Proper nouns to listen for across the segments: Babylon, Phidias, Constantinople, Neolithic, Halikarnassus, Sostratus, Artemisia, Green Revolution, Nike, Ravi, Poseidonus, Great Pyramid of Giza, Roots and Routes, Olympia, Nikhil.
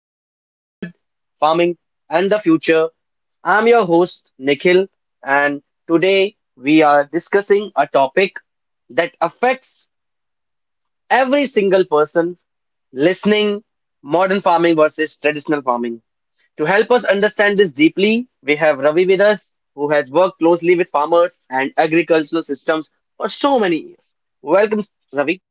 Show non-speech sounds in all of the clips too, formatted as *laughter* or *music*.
about food, farming, and the future. I'm your host, Nikhil, and today we are discussing a topic that affects every single person listening: modern farming versus traditional farming. To help us understand this deeply, we have Ravi with us, who has worked closely with farmers and agricultural systems for so many years. Welcome, Ravi.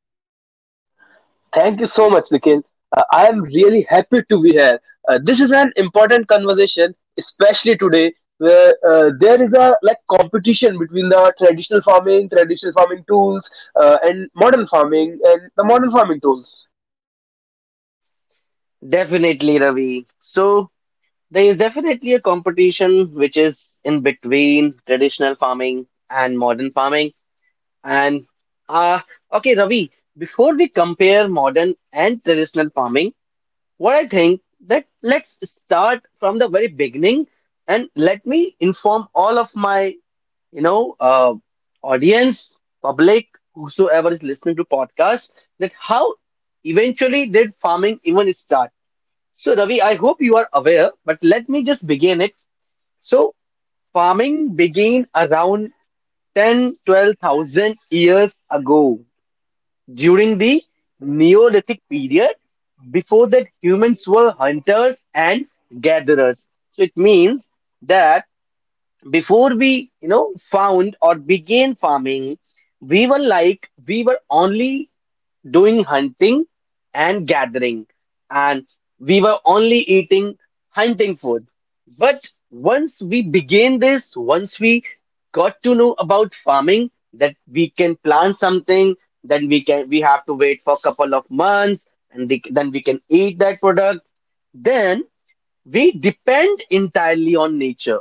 Thank you so much, Nikhil. I am really happy to be here. This is an important conversation, especially today, where there is a like competition between the traditional farming tools, and modern farming, and the modern farming tools. Definitely, Ravi. So, there is definitely a competition which is in between traditional farming and modern farming. And, uh, okay, Ravi, before we compare modern and traditional farming, what I think that let's start from the very beginning and let me inform all of my you know, uh, audience, public, whosoever is listening to podcast, that how eventually did farming even start? So, Ravi, I hope you are aware, but let me just begin it. So, farming began around 10, 12,000 years ago during the Neolithic period. Before that, humans were hunters and gatherers. So, it means that before we, you know, found or began farming, we were like, we were only doing hunting and gathering, and we were only eating hunting food. But once we began this, once we got to know about farming, that we can plant something, then we have to wait for a couple of months, and then we can eat that product. Then we depend entirely on nature.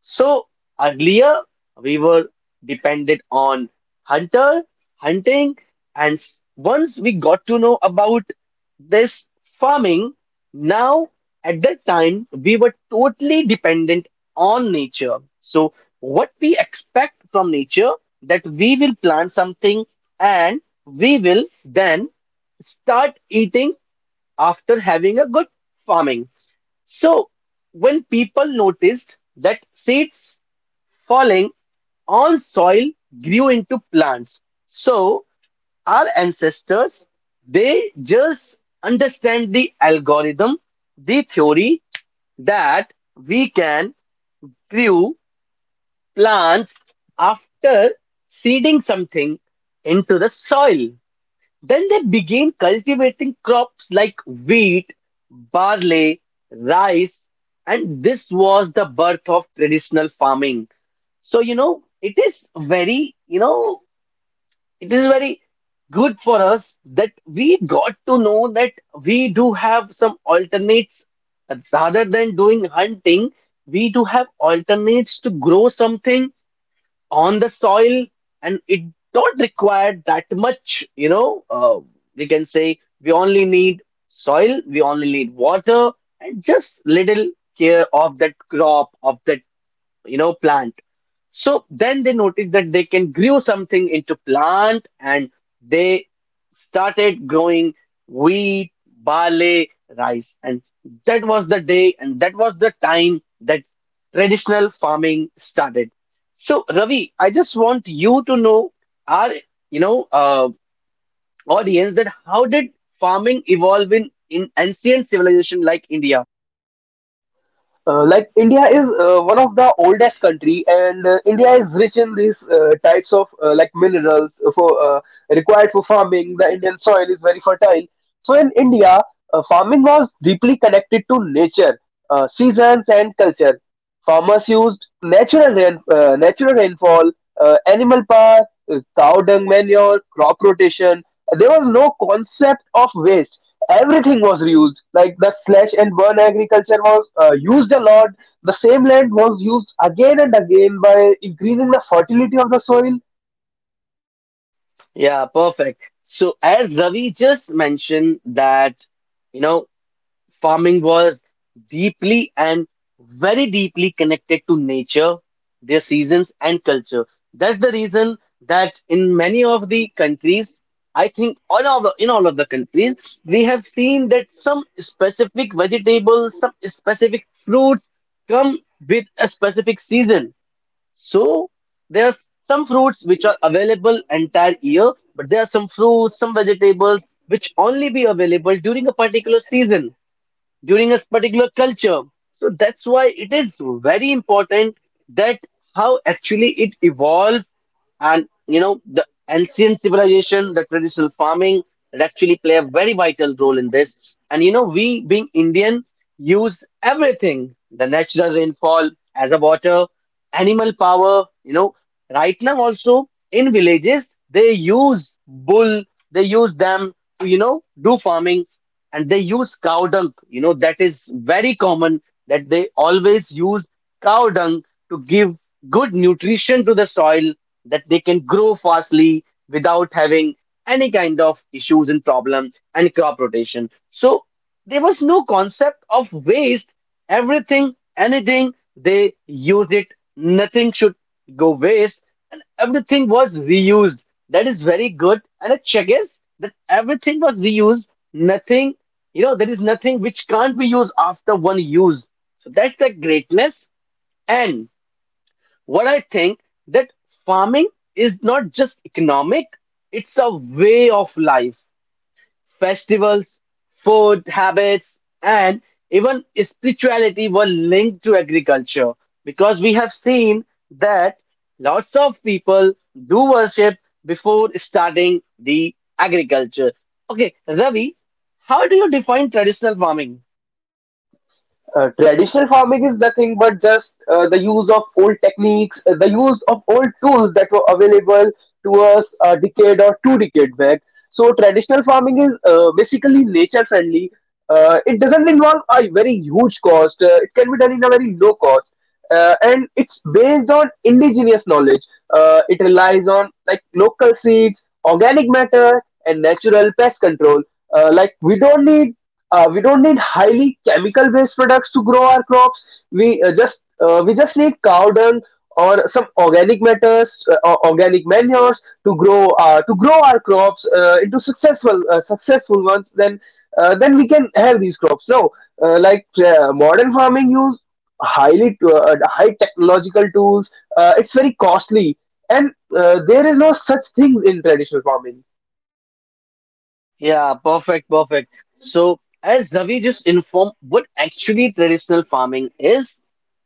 So earlier we were dependent on hunter, hunting, and once we got to know about this farming, now at that time we were totally dependent on nature. So what we expect from nature that we will plant something and we will then start eating after having a good farming. So when people noticed that seeds falling on soil grew into plants. So our ancestors, they just understand the algorithm, the theory that we can grew plants after seeding something into the soil. Then they began cultivating crops like wheat, barley, rice, and this was the birth of traditional farming. So, you know, it is very, you know, it is very good for us that we got to know that we do have some alternates rather than doing hunting, we do have alternates to grow something on the soil and it don't require that much we can say we only need soil, we only need water and just little care of that crop of that, you know, plant. So then they noticed that they can grow something into plant and they started growing wheat, barley, rice. And that was the day and that was the time that traditional farming started. So Ravi, I just want you to know our, you know, uh, audience that how did farming evolve in ancient civilization like India? Like India is one of the oldest country, and India is rich in these types of like minerals for required for farming. The Indian soil is very fertile. So in India, farming was deeply connected to nature, seasons, and culture. Farmers used natural rain, natural rainfall, animal power, cow dung manure, crop rotation. There was no concept of waste, everything was reused. Like the slash and burn agriculture was used a lot. The same land was used again and again by increasing the fertility of the soil. Yeah, perfect. So as Ravi just mentioned that, you know, farming was deeply and very deeply connected to nature, their seasons and culture. That's the reason that in many of the countries, I think in all of the countries, we have seen that some specific vegetables, some specific fruits come with a specific season. So there are some fruits which are available entire year, but there are some fruits, some vegetables which only be available during a particular season during a particular culture. So that's why it is very important that how actually it evolved, and you know the ancient civilization, the traditional farming that actually play a very vital role in this. And you know, we being Indian use everything: the natural rainfall as a water, animal power, you know, right now also in villages they use bull, they use them to, you know, do farming, and they use cow dung, you know, that is very common that they always use cow dung to give good nutrition to the soil that they can grow fastly without having any kind of issues and problem, and crop rotation. So there was no concept of waste, everything anything they use it, nothing should go waste, and everything was reused. That is very good, and a check is that everything was reused, nothing, you know, there is nothing which can't be used after one use. So that's the greatness. And what I think that farming is not just economic, it's a way of life. Festivals, food habits, and even spirituality were linked to agriculture, because we have seen that lots of people do worship before starting the agriculture. Okay, Ravi, how do you define traditional farming? Uh, traditional farming is nothing but just the use of old techniques, the use of old tools that were available to us a decade or two decade back. So traditional farming is basically nature friendly. Uh, it doesn't involve a very huge cost. It can be done in a very low cost. And it's based on indigenous knowledge. It relies on like local seeds, organic matter, and natural pest control. Like we don't need highly chemical based products to grow our crops. We just need cow dung or some organic matters, or organic manures to grow our crops into successful successful ones. Then we can have these crops. No, like modern farming use high technological tools. It's very costly, and there is no such things in traditional farming. Yeah, perfect, perfect. So, as Ravi just informed what actually traditional farming is,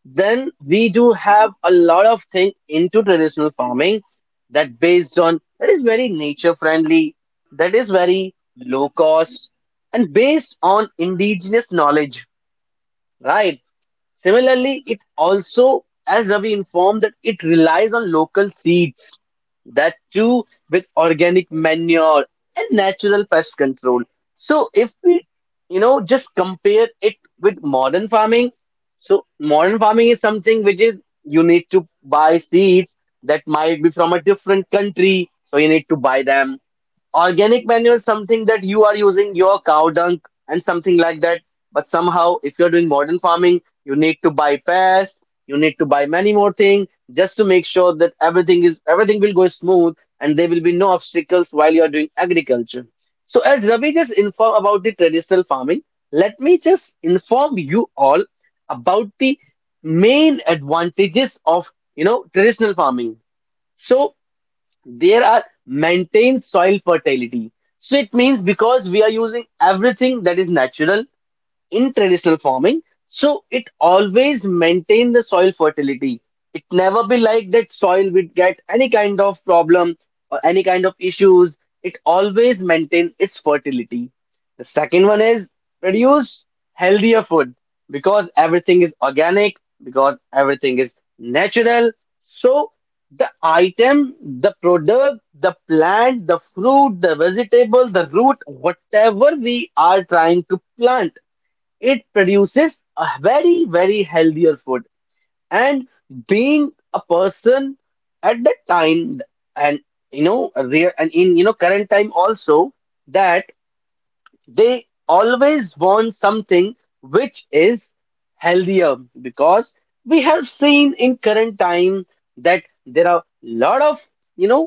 then we do have a lot of thing into traditional farming that based on that is very nature friendly, that is very low cost, and based on indigenous knowledge, right? Similarly, it also, as Ravi informed, that it relies on local seeds, that too with organic manure and natural pest control. So, if we, you know, just compare it with modern farming, so modern farming is something which is you need to buy seeds that might be from a different country, so you need to buy them. Organic manure is something that you are using your cow dung and something like that. But somehow, if you're doing modern farming, you need to buy pass, you need to buy many more things just to make sure that everything is everything will go smooth and there will be no obstacles while you are doing agriculture. So as Ravi just informed about the traditional farming, let me just inform you all about the main advantages of, you know, traditional farming. So there are maintained soil fertility. So it means because we are using everything that is natural in traditional farming. So it always maintain the soil fertility. It never be like that soil would get any kind of problem or any kind of issues. It always maintain its fertility. The second one is produce healthier food, because everything is organic, because everything is natural. So the item, the product, the plant, the fruit, the vegetable, the root, whatever we are trying to plant it produces a very very healthier food, and being a person at that time and you know a real and in you know current time also that they always want something which is healthier, because we have seen in current time that there are lot of, you know,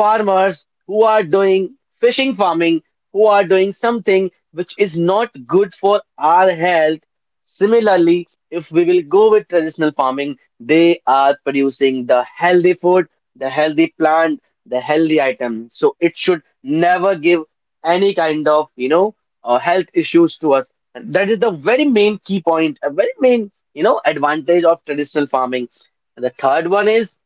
farmers who are doing fishing farming, who are doing something which is not good for our health. Similarly if we will go with traditional farming they are producing the healthy food, the healthy plant, the healthy item, so it should never give any kind of health issues to us. And that is the very main key point, a very main, you know, advantage of traditional farming. And the third one is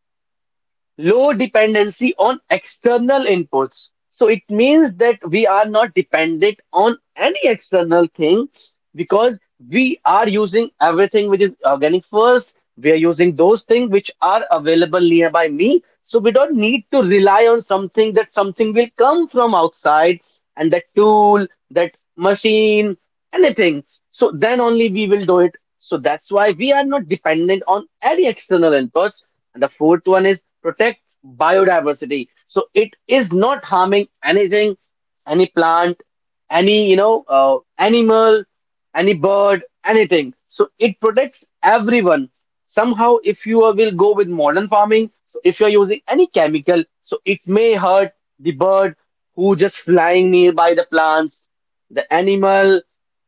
low dependency on external inputs. So it means that we are not dependent on any external thing, because we are using everything which is organic first. We are using those things which are available nearby me. So we don't need to rely on something that something will come from outside and that tool, that machine, anything. So then only we will do it. So that's why we are not dependent on any external inputs. And the fourth one is protect biodiversity. So it is not harming anything, any plant, any animal, any bird, anything. So it protects everyone. Somehow, if will go with modern farming, so if you are using any chemical, so it may hurt the bird who just flying nearby the plants, the animal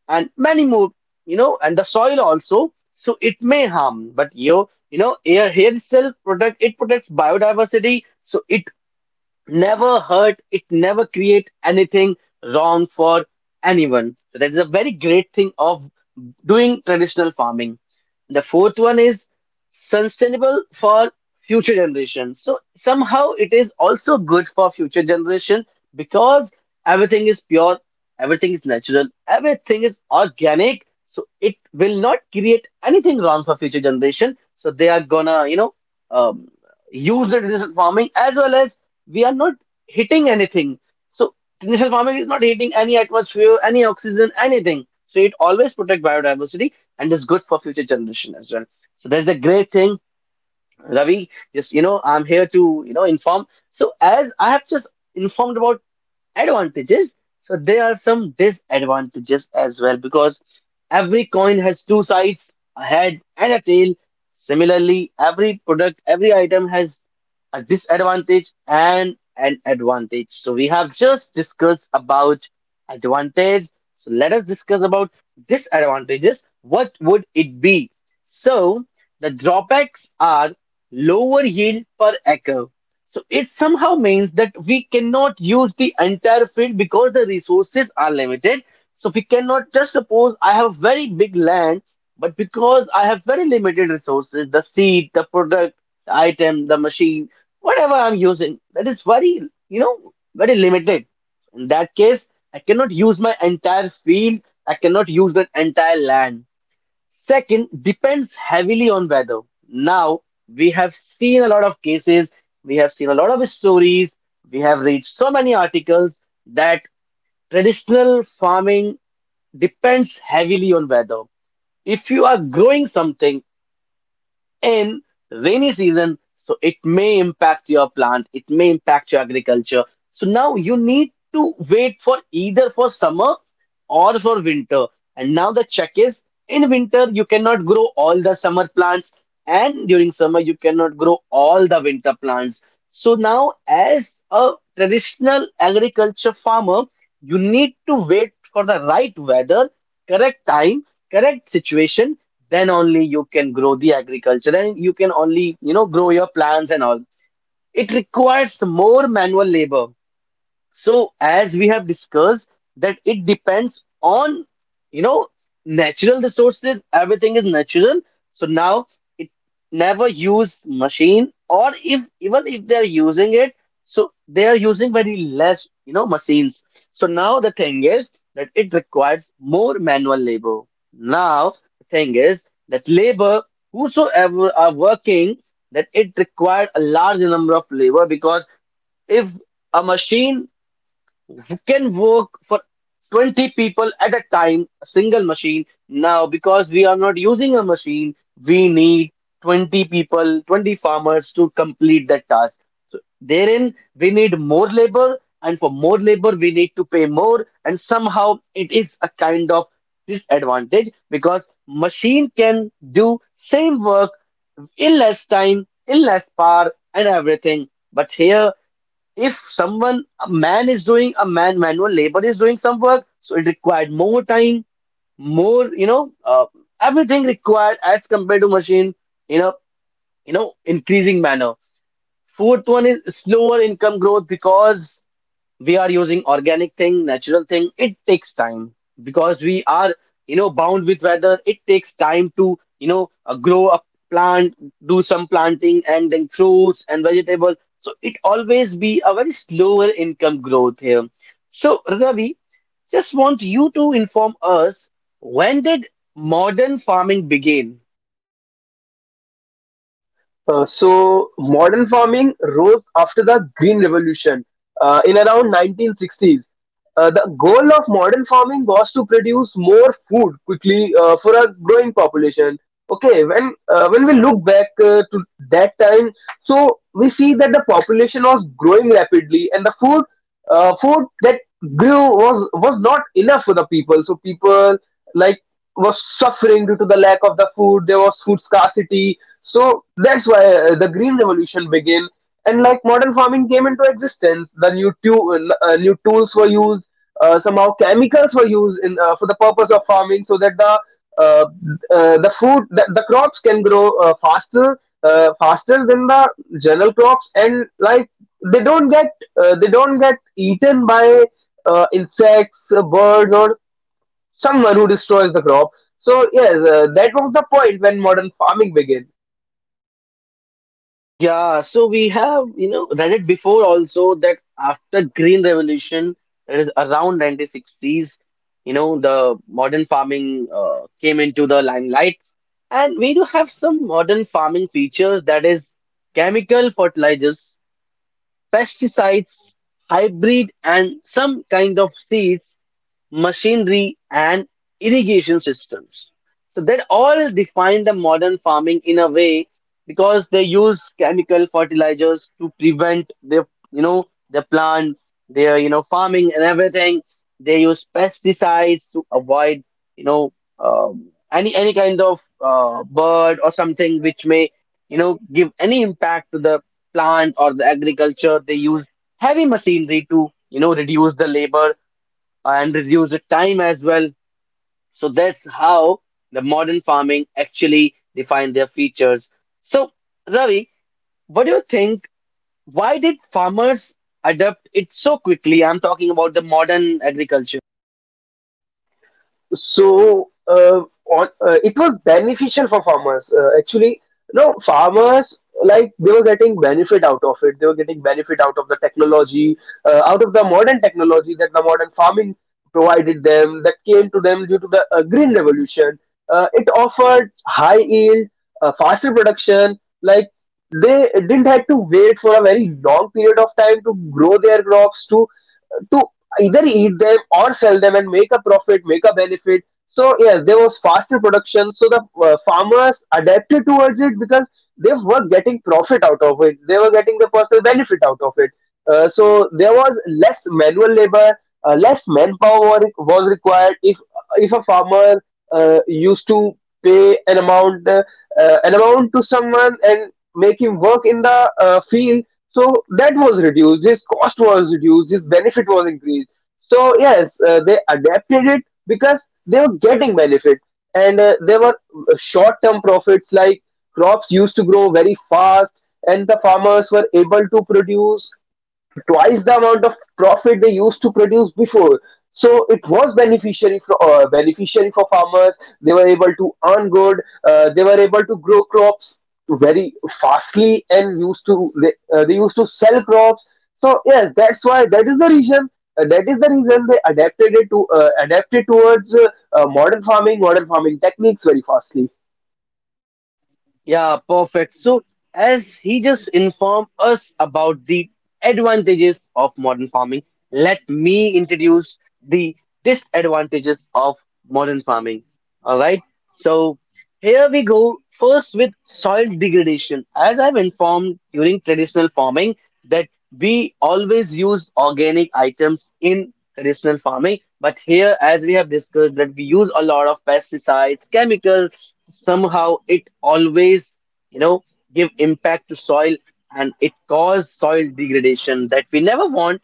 and many more, you know, and the soil also. So it may harm, but air here itself protect it protects biodiversity. So it never hurt, it never create anything wrong for anyone. So that is a very great thing of doing traditional farming. The fourth one is sustainable for future generations. So somehow it is also good for future generation, because everything is pure, everything is natural, everything is organic. So it will not create anything wrong for future generation. So they are gonna, you know, um, use the traditional farming as well as we are not hitting anything. So tension farming is not hitting any atmosphere, any oxygen, anything. So it always protect biodiversity and is good for future generation as well. So that's the great thing, Ravi. Just you know, I'm here to, you know, inform. So as I have just informed about advantages, so there are some disadvantages as well, because every coin has two sides, a head and a tail. Similarly every product every item has a disadvantage and an advantage. So we have just discussed about advantage. So let us discuss about disadvantages, what would it be. So the drawbacks are lower yield per acre, so it somehow means that we cannot use the entire field because the resources are limited. So we cannot just suppose I have very big land, but because I have very limited resources, the seed, the product, the item, the machine, whatever I'm using, that is very, very limited. In that case, I cannot use my entire field, I cannot use that entire land. Second, depends heavily on weather. Now, we have seen a lot of cases, we have seen a lot of stories, we have read so many articles that traditional farming depends heavily on weather. If you are growing something, in rainy season, so it may impact your plant, it may impact your agriculture. So now you need to wait for either for summer or for winter. And now the check is in winter you cannot grow all the summer plants, and during summer you cannot grow all the winter plants. So now, as a traditional agriculture farmer, you need to wait for the right weather, correct time, correct situation. Then only you can grow the agriculture and you can only, grow your plants and all. It requires more manual labor. So as we have discussed, that it depends on, you know natural resources, everything is natural. So now it never use machine, or if even if they are using it, so they are using very less, machines. So now the thing is that it requires more manual labor. Now the thing is that labor, whosoever are working, that it required a large number of labor because if a machine you can work for 20 people at a time, a single machine. Now, because we are not using a machine, we need 20 people, 20 farmers to complete that task. So therein, we need more labor, and for more labor, we need to pay more. And somehow, it is a kind of disadvantage because machine can do same work in less time, in less power, and everything. But here if someone, a manual labor is doing some work, so it required more time, more, everything required as compared to machine in a, increasing manner. Fourth one is slower income growth because we are using organic thing, natural thing, it takes time. Because we are, bound with weather, it takes time to, grow a plant, do some planting and then fruits and vegetables. So it always be a very slower income growth here. So Ravi, just want you to inform us, when did modern farming begin? So modern farming rose after the Green Revolution in around 1960s. The goal of modern farming was to produce more food quickly for a growing population. Okay, when we look back to that time, so we see that the population was growing rapidly, and the food that grew was not enough for the people. So people like was suffering due to the lack of the food. There was food scarcity. So that's why the green revolution began, and like modern farming came into existence. The new tools were used, somehow chemicals were used in for the purpose of farming, so that uh, the crops can grow faster than the general crops, and like they don't get they don't get eaten by insects, birds, or someone who destroys the crop. So yes, that was the point when modern farming began. Yeah, so we have, you know, read it before also that after Green Revolution, that is around 1960s, you know, the modern farming came into the limelight. And we do have some modern farming features, that is chemical fertilizers, pesticides, hybrid, and some kind of seeds, machinery, and irrigation systems. So that all define the modern farming in a way because they use chemical fertilizers to prevent their, you know, the plant, their, you know, farming and everything. They use pesticides to avoid, you know, any kind of bird or something which may, you know, give any impact to the plant or the agriculture. They use heavy machinery to, you know, reduce the labor and reduce the time as well. So that's how the modern farming actually define their features. So, Ravi, what do you think? Why did farmers adapt it so quickly? I'm talking about the modern agriculture. so uh, it was beneficial for farmers, actually. No farmers like they were getting benefit out of it. They were getting benefit out of the technology, out of the modern technology that the modern farming provided them, that came to them due to the green revolution. Uh, it offered high yield, faster production. Like they didn't have to wait for a very long period of time to grow their crops, to to either eat them or sell them and make a profit, make a benefit. So yeah, there was faster production. So the farmers adapted towards it because they were getting profit out of it. They were getting the personal benefit out of it. So there was less manual labor. Less manpower was required. If a farmer used to pay an amount to someone and make him work in the field. So that was reduced. His cost was reduced. His benefit was increased. So yes, they adapted it because they were getting benefit, and there were short-term profits. Like crops used to grow very fast, and the farmers were able to produce twice the amount of profit they used to produce before. So it was beneficiary for beneficiary for farmers. They were able to earn good. They were able to grow crops very fastly, and they used to sell crops. So yes, that's why, that is the reason. That is the reason they adapted it to adapted towards modern farming techniques very fastly. Yeah, perfect. So, as he just informed us about the advantages of modern farming, let me introduce the disadvantages of modern farming. All right. So, here we go. First, with soil degradation. As I've informed during traditional farming, that we always use organic items in traditional farming, but here as we have discussed that we use a lot of pesticides, chemicals. Somehow it always, you know give impact to soil, and it cause soil degradation that we never want.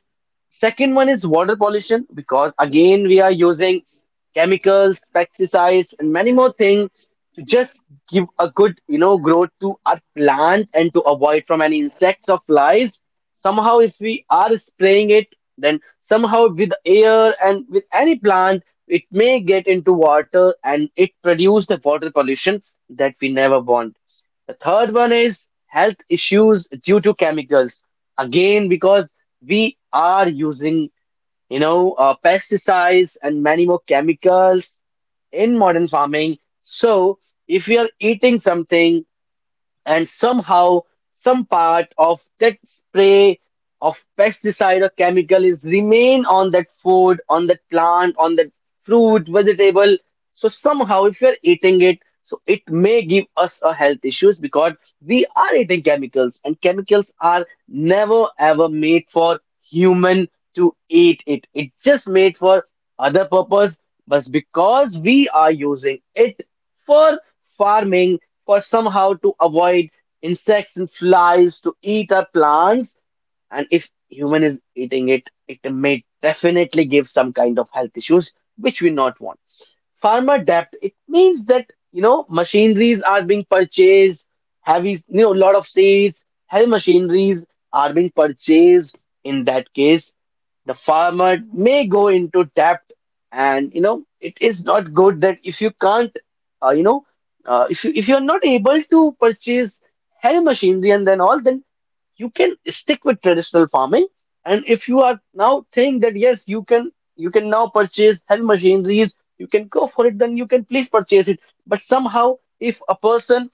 Second one is water pollution, because again we are using chemicals, pesticides, and many more things just give a good, growth to our plant and to avoid from any insects or flies. Somehow if we are spraying it, then somehow with air and with any plant it may get into water, and it produce the water pollution that we never want. The third one is health issues due to chemicals. Again, because we are using, pesticides and many more chemicals in modern farming. So, if we are eating something and somehow some part of that spray of pesticide or chemical is remain on that food, on that plant, on that fruit, vegetable, so somehow if you are eating it, so it may give us a health issues because we are eating chemicals, and chemicals are never ever made for human to eat it. It just made for other purpose. But because we are using it for farming, for somehow to avoid insects and flies to eat our plants. And if human is eating it, it may definitely give some kind of health issues which we not want. Farmer debt, it means that, you know, machineries are being purchased, heavy, lot of seeds, heavy machineries are being purchased. In that case, the farmer may go into debt. And you know, it is not good that if you can't, uh, you know if you are not able to purchase heavy machinery and then all, then you can stick with traditional farming. And if you are now think that yes, you can, now purchase heavy machineries, you can go for it, then you can please purchase it. But somehow, if a person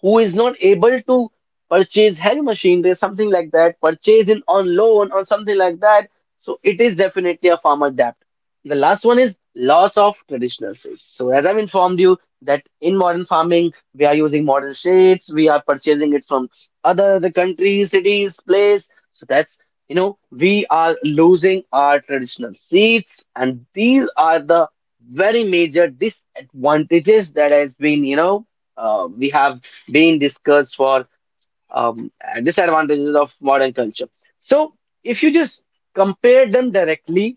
who is not able to purchase heavy machinery, something like that, purchase in on loan or something like that. So it is definitely a farmer debt. The last one is loss of traditional shades. So as I've informed you that in modern farming we are using modern shades, we are purchasing it from other the countries, cities, place. So that's, you know, we are losing our traditional seeds, and these are the very major disadvantages that has been, you know, we have being discussed for, um, disadvantages of modern culture. So if you just compare them directly,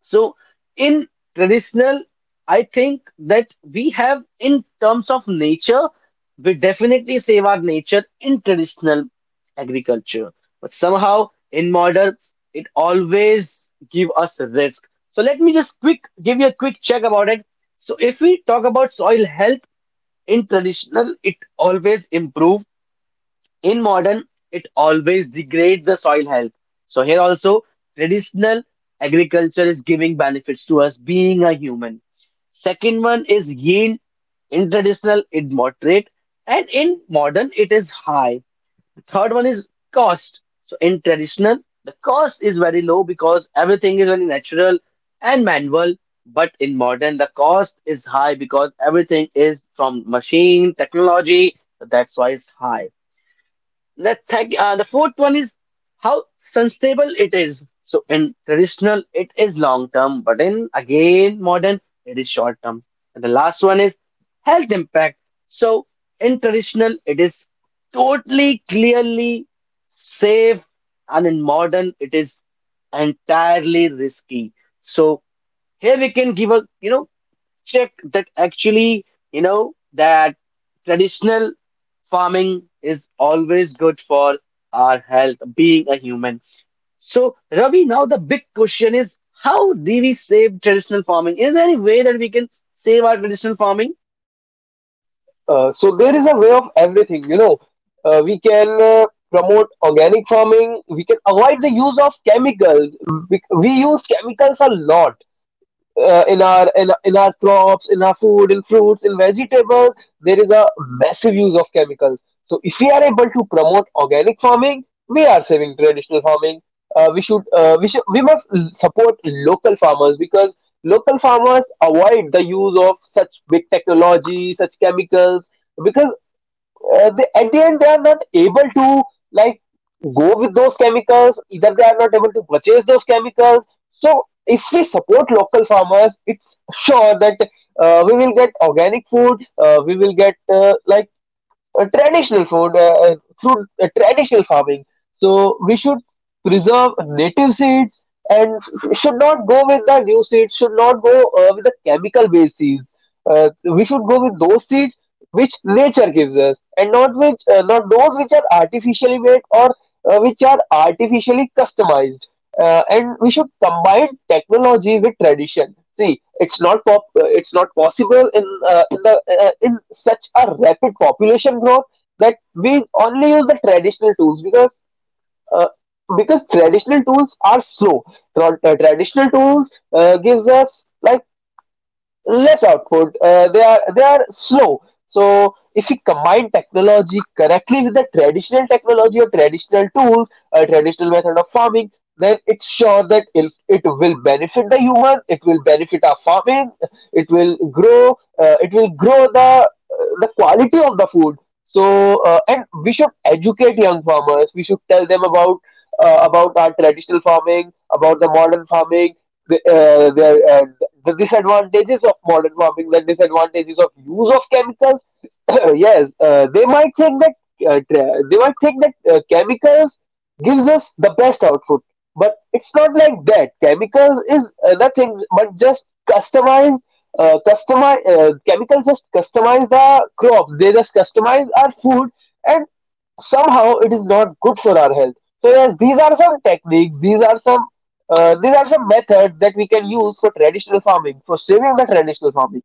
so in traditional, I think that we have in terms of nature, we definitely save our nature in traditional agriculture, but somehow in modern, it always give us a risk. So let me just quick give you a quick check about it. So if we talk about soil health, in traditional, it always improve. In modern, it always degrades the soil health. So here also, traditional agriculture is giving benefits to us being a human. Second one is yield. In traditional, it moderate, and in modern, it is high. Third one is cost. So in traditional, the cost is very low because everything is very natural and manual. But in modern, the cost is high because everything is from machine technology. So that's why it's high. The fourth one is how sustainable it is. So in traditional, it is long term, but in again modern, it is short term. And the last one is health impact. So in traditional, it is totally, clearly safe, and in modern, it is entirely risky. So here we can give a, check that actually, you know, that traditional farming is always good for our health, being a human. So, Ravi, now the big question is, how do we save traditional farming? Is there any way that we can save our traditional farming? So there is a way of everything, you know. We can promote organic farming. We can avoid the use of chemicals. We use chemicals a lot in our- in our crops, in our food, in fruits, in vegetables. There is a massive use of chemicals. So if we are able to promote organic farming, we are saving traditional farming. We should we must l- support local farmers, because local farmers avoid the use of such big technology, such chemicals. Because they, at the end, they are not able to like go with those chemicals, either they are not able to purchase those chemicals. So if we support local farmers, it's sure that we will get organic food. We will get like traditional food through traditional farming. So we should preserve native seeds and should not go with the new seeds. Should not go with the chemical-based seeds. We should go with those seeds which nature gives us, and not which not those which are artificially made or which are artificially customized. Uh, and we should combine technology with tradition. See, it's not possible in such a rapid population growth that we only use the traditional tools, uh, because traditional tools are slow. Tra- traditional tools gives us like less output. They are slow. So if you combine technology correctly with the traditional technology or traditional tools, a traditional method of farming, then it's sure that it will benefit the human. It will benefit our farming. It will grow. It will grow the quality of the food. So and we should educate young farmers. We should tell them about our traditional farming, about the modern farming, the disadvantages of modern farming, the disadvantages of use of chemicals. *coughs* *clears throat* Yes, they might think that chemicals gives us the best output, but it's not like that. Chemicals is nothing but just customize. Customize chemicals just customize the crop. They just customize our food, and somehow it is not good for our health. So yes, these are some techniques, these are some methods that we can use for traditional farming, for saving the traditional farming.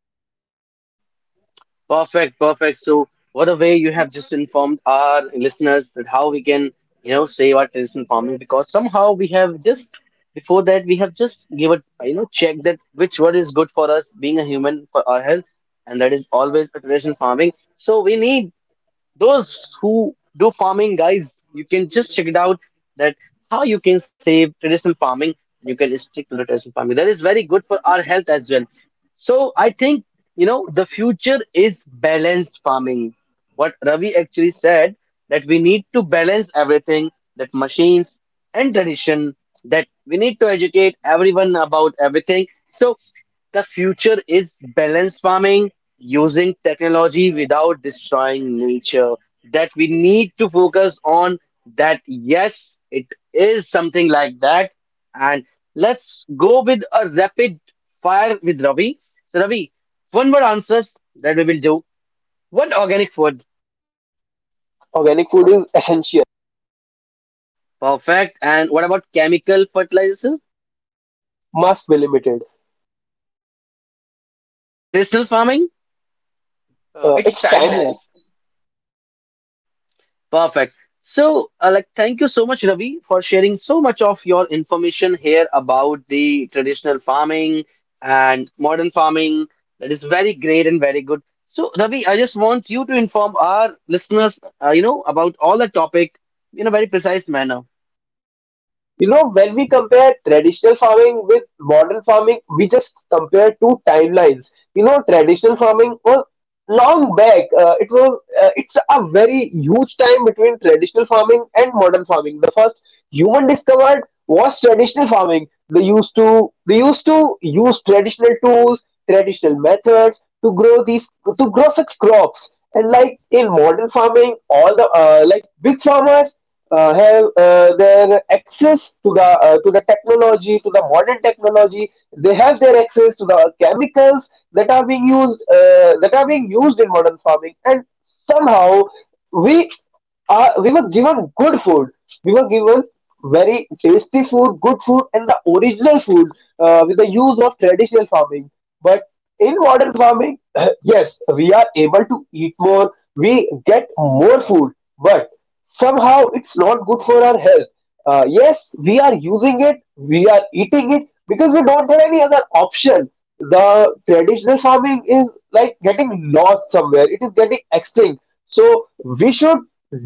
Perfect, perfect. So, what a way you have just informed our listeners that how we can, you know, save our traditional farming, because somehow we have just, before that we have just give a, check that which what is good for us being a human for our health, and that is always a traditional farming. So we need those who do farming, guys, you can just check it out that how you can save traditional farming. You can stick to the traditional farming, that is very good for our health as well. So I think, you know, the future is balanced farming, what Ravi actually said, that we need to balance everything, that machines and tradition, that we need to educate everyone about everything. So the future is balanced farming, using technology without destroying nature, that we need to focus on. That yes, it is something like that. And let's go with a rapid fire with Ravi. So Ravi, one word answers that we will do. What, organic food? Organic food is essential. Perfect. And what about chemical fertilizer? Must be limited. Traditional farming. It's It's timeless. timeless. Perfect. So, like, thank you so much, Ravi, for sharing so much of your information here about the traditional farming and modern farming. That is very great and very good. So, Ravi, I just want you to inform our listeners, you know, about all the topic in a very precise manner. You know, when we compare traditional farming with modern farming, we just compare two timelines. You know, traditional farming was long back. It's a very huge time between traditional farming and modern farming. The first human discovered was traditional farming. They used to use traditional tools, traditional methods to grow these, to grow such crops. And like in modern farming, all the like big farmers have their access to the technology, to the modern technology. They have their access to the chemicals that are being used, that are being used in modern farming, and somehow we we were given good food. We were given very tasty food, good food, and the original food with the use of traditional farming. But in modern farming, *laughs* *clears throat* yes, we are able to eat more. We get more food, but somehow it's not good for our health. Yes, we are using it, we are eating it because we don't have any other option. The traditional farming is like getting lost somewhere, it is getting extinct. So, we should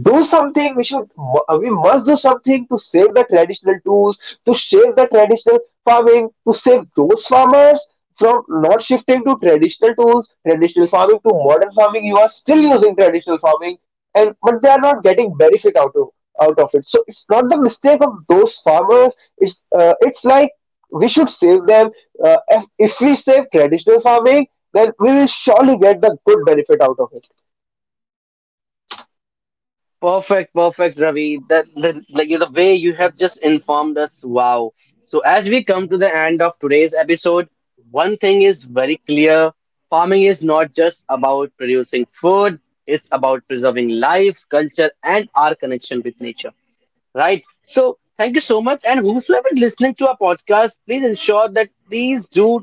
do something, we should, we must do something to save the traditional tools, to save the traditional farming, to save those farmers from not shifting to traditional tools, traditional farming to modern farming. You are still using traditional farming, and but they are not getting benefit out of it. So it's not the mistake of those farmers. It's like we should save them. If we save traditional farming, then we will surely get the good benefit out of it. Perfect, perfect, Ravi. That, the like the way you have just informed us, wow. So as we come to the end of today's episode, one thing is very clear: farming is not just about producing food; it's about preserving life, culture, and our connection with nature. Right. So thank you so much. And whosoever is listening to our podcast, please ensure that these do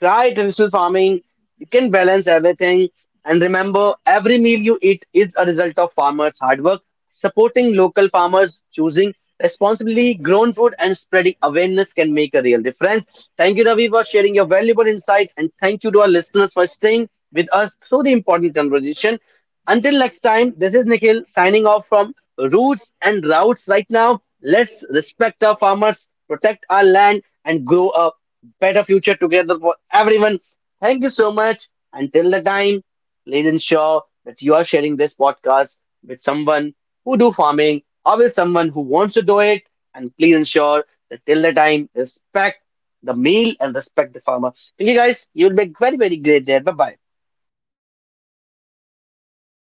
try traditional farming. You can balance everything. And remember, every meal you eat is a result of farmers' hard work, supporting local farmers, choosing responsibly grown food, and spreading awareness can make a real difference. Thank you, Ravi, for sharing your valuable insights. And thank you to our listeners for staying with us through the important conversation. Until next time, this is Nikhil signing off from Roots and Routes right now. Let's respect our farmers, protect our land, and grow a better future together for everyone. Thank you so much. Until the time, please ensure that you are sharing this podcast with someone who do farming or with someone who wants to do it. And please ensure that till the time, respect the meal and respect the farmer. Thank you guys. You will be very, very great there. Bye bye.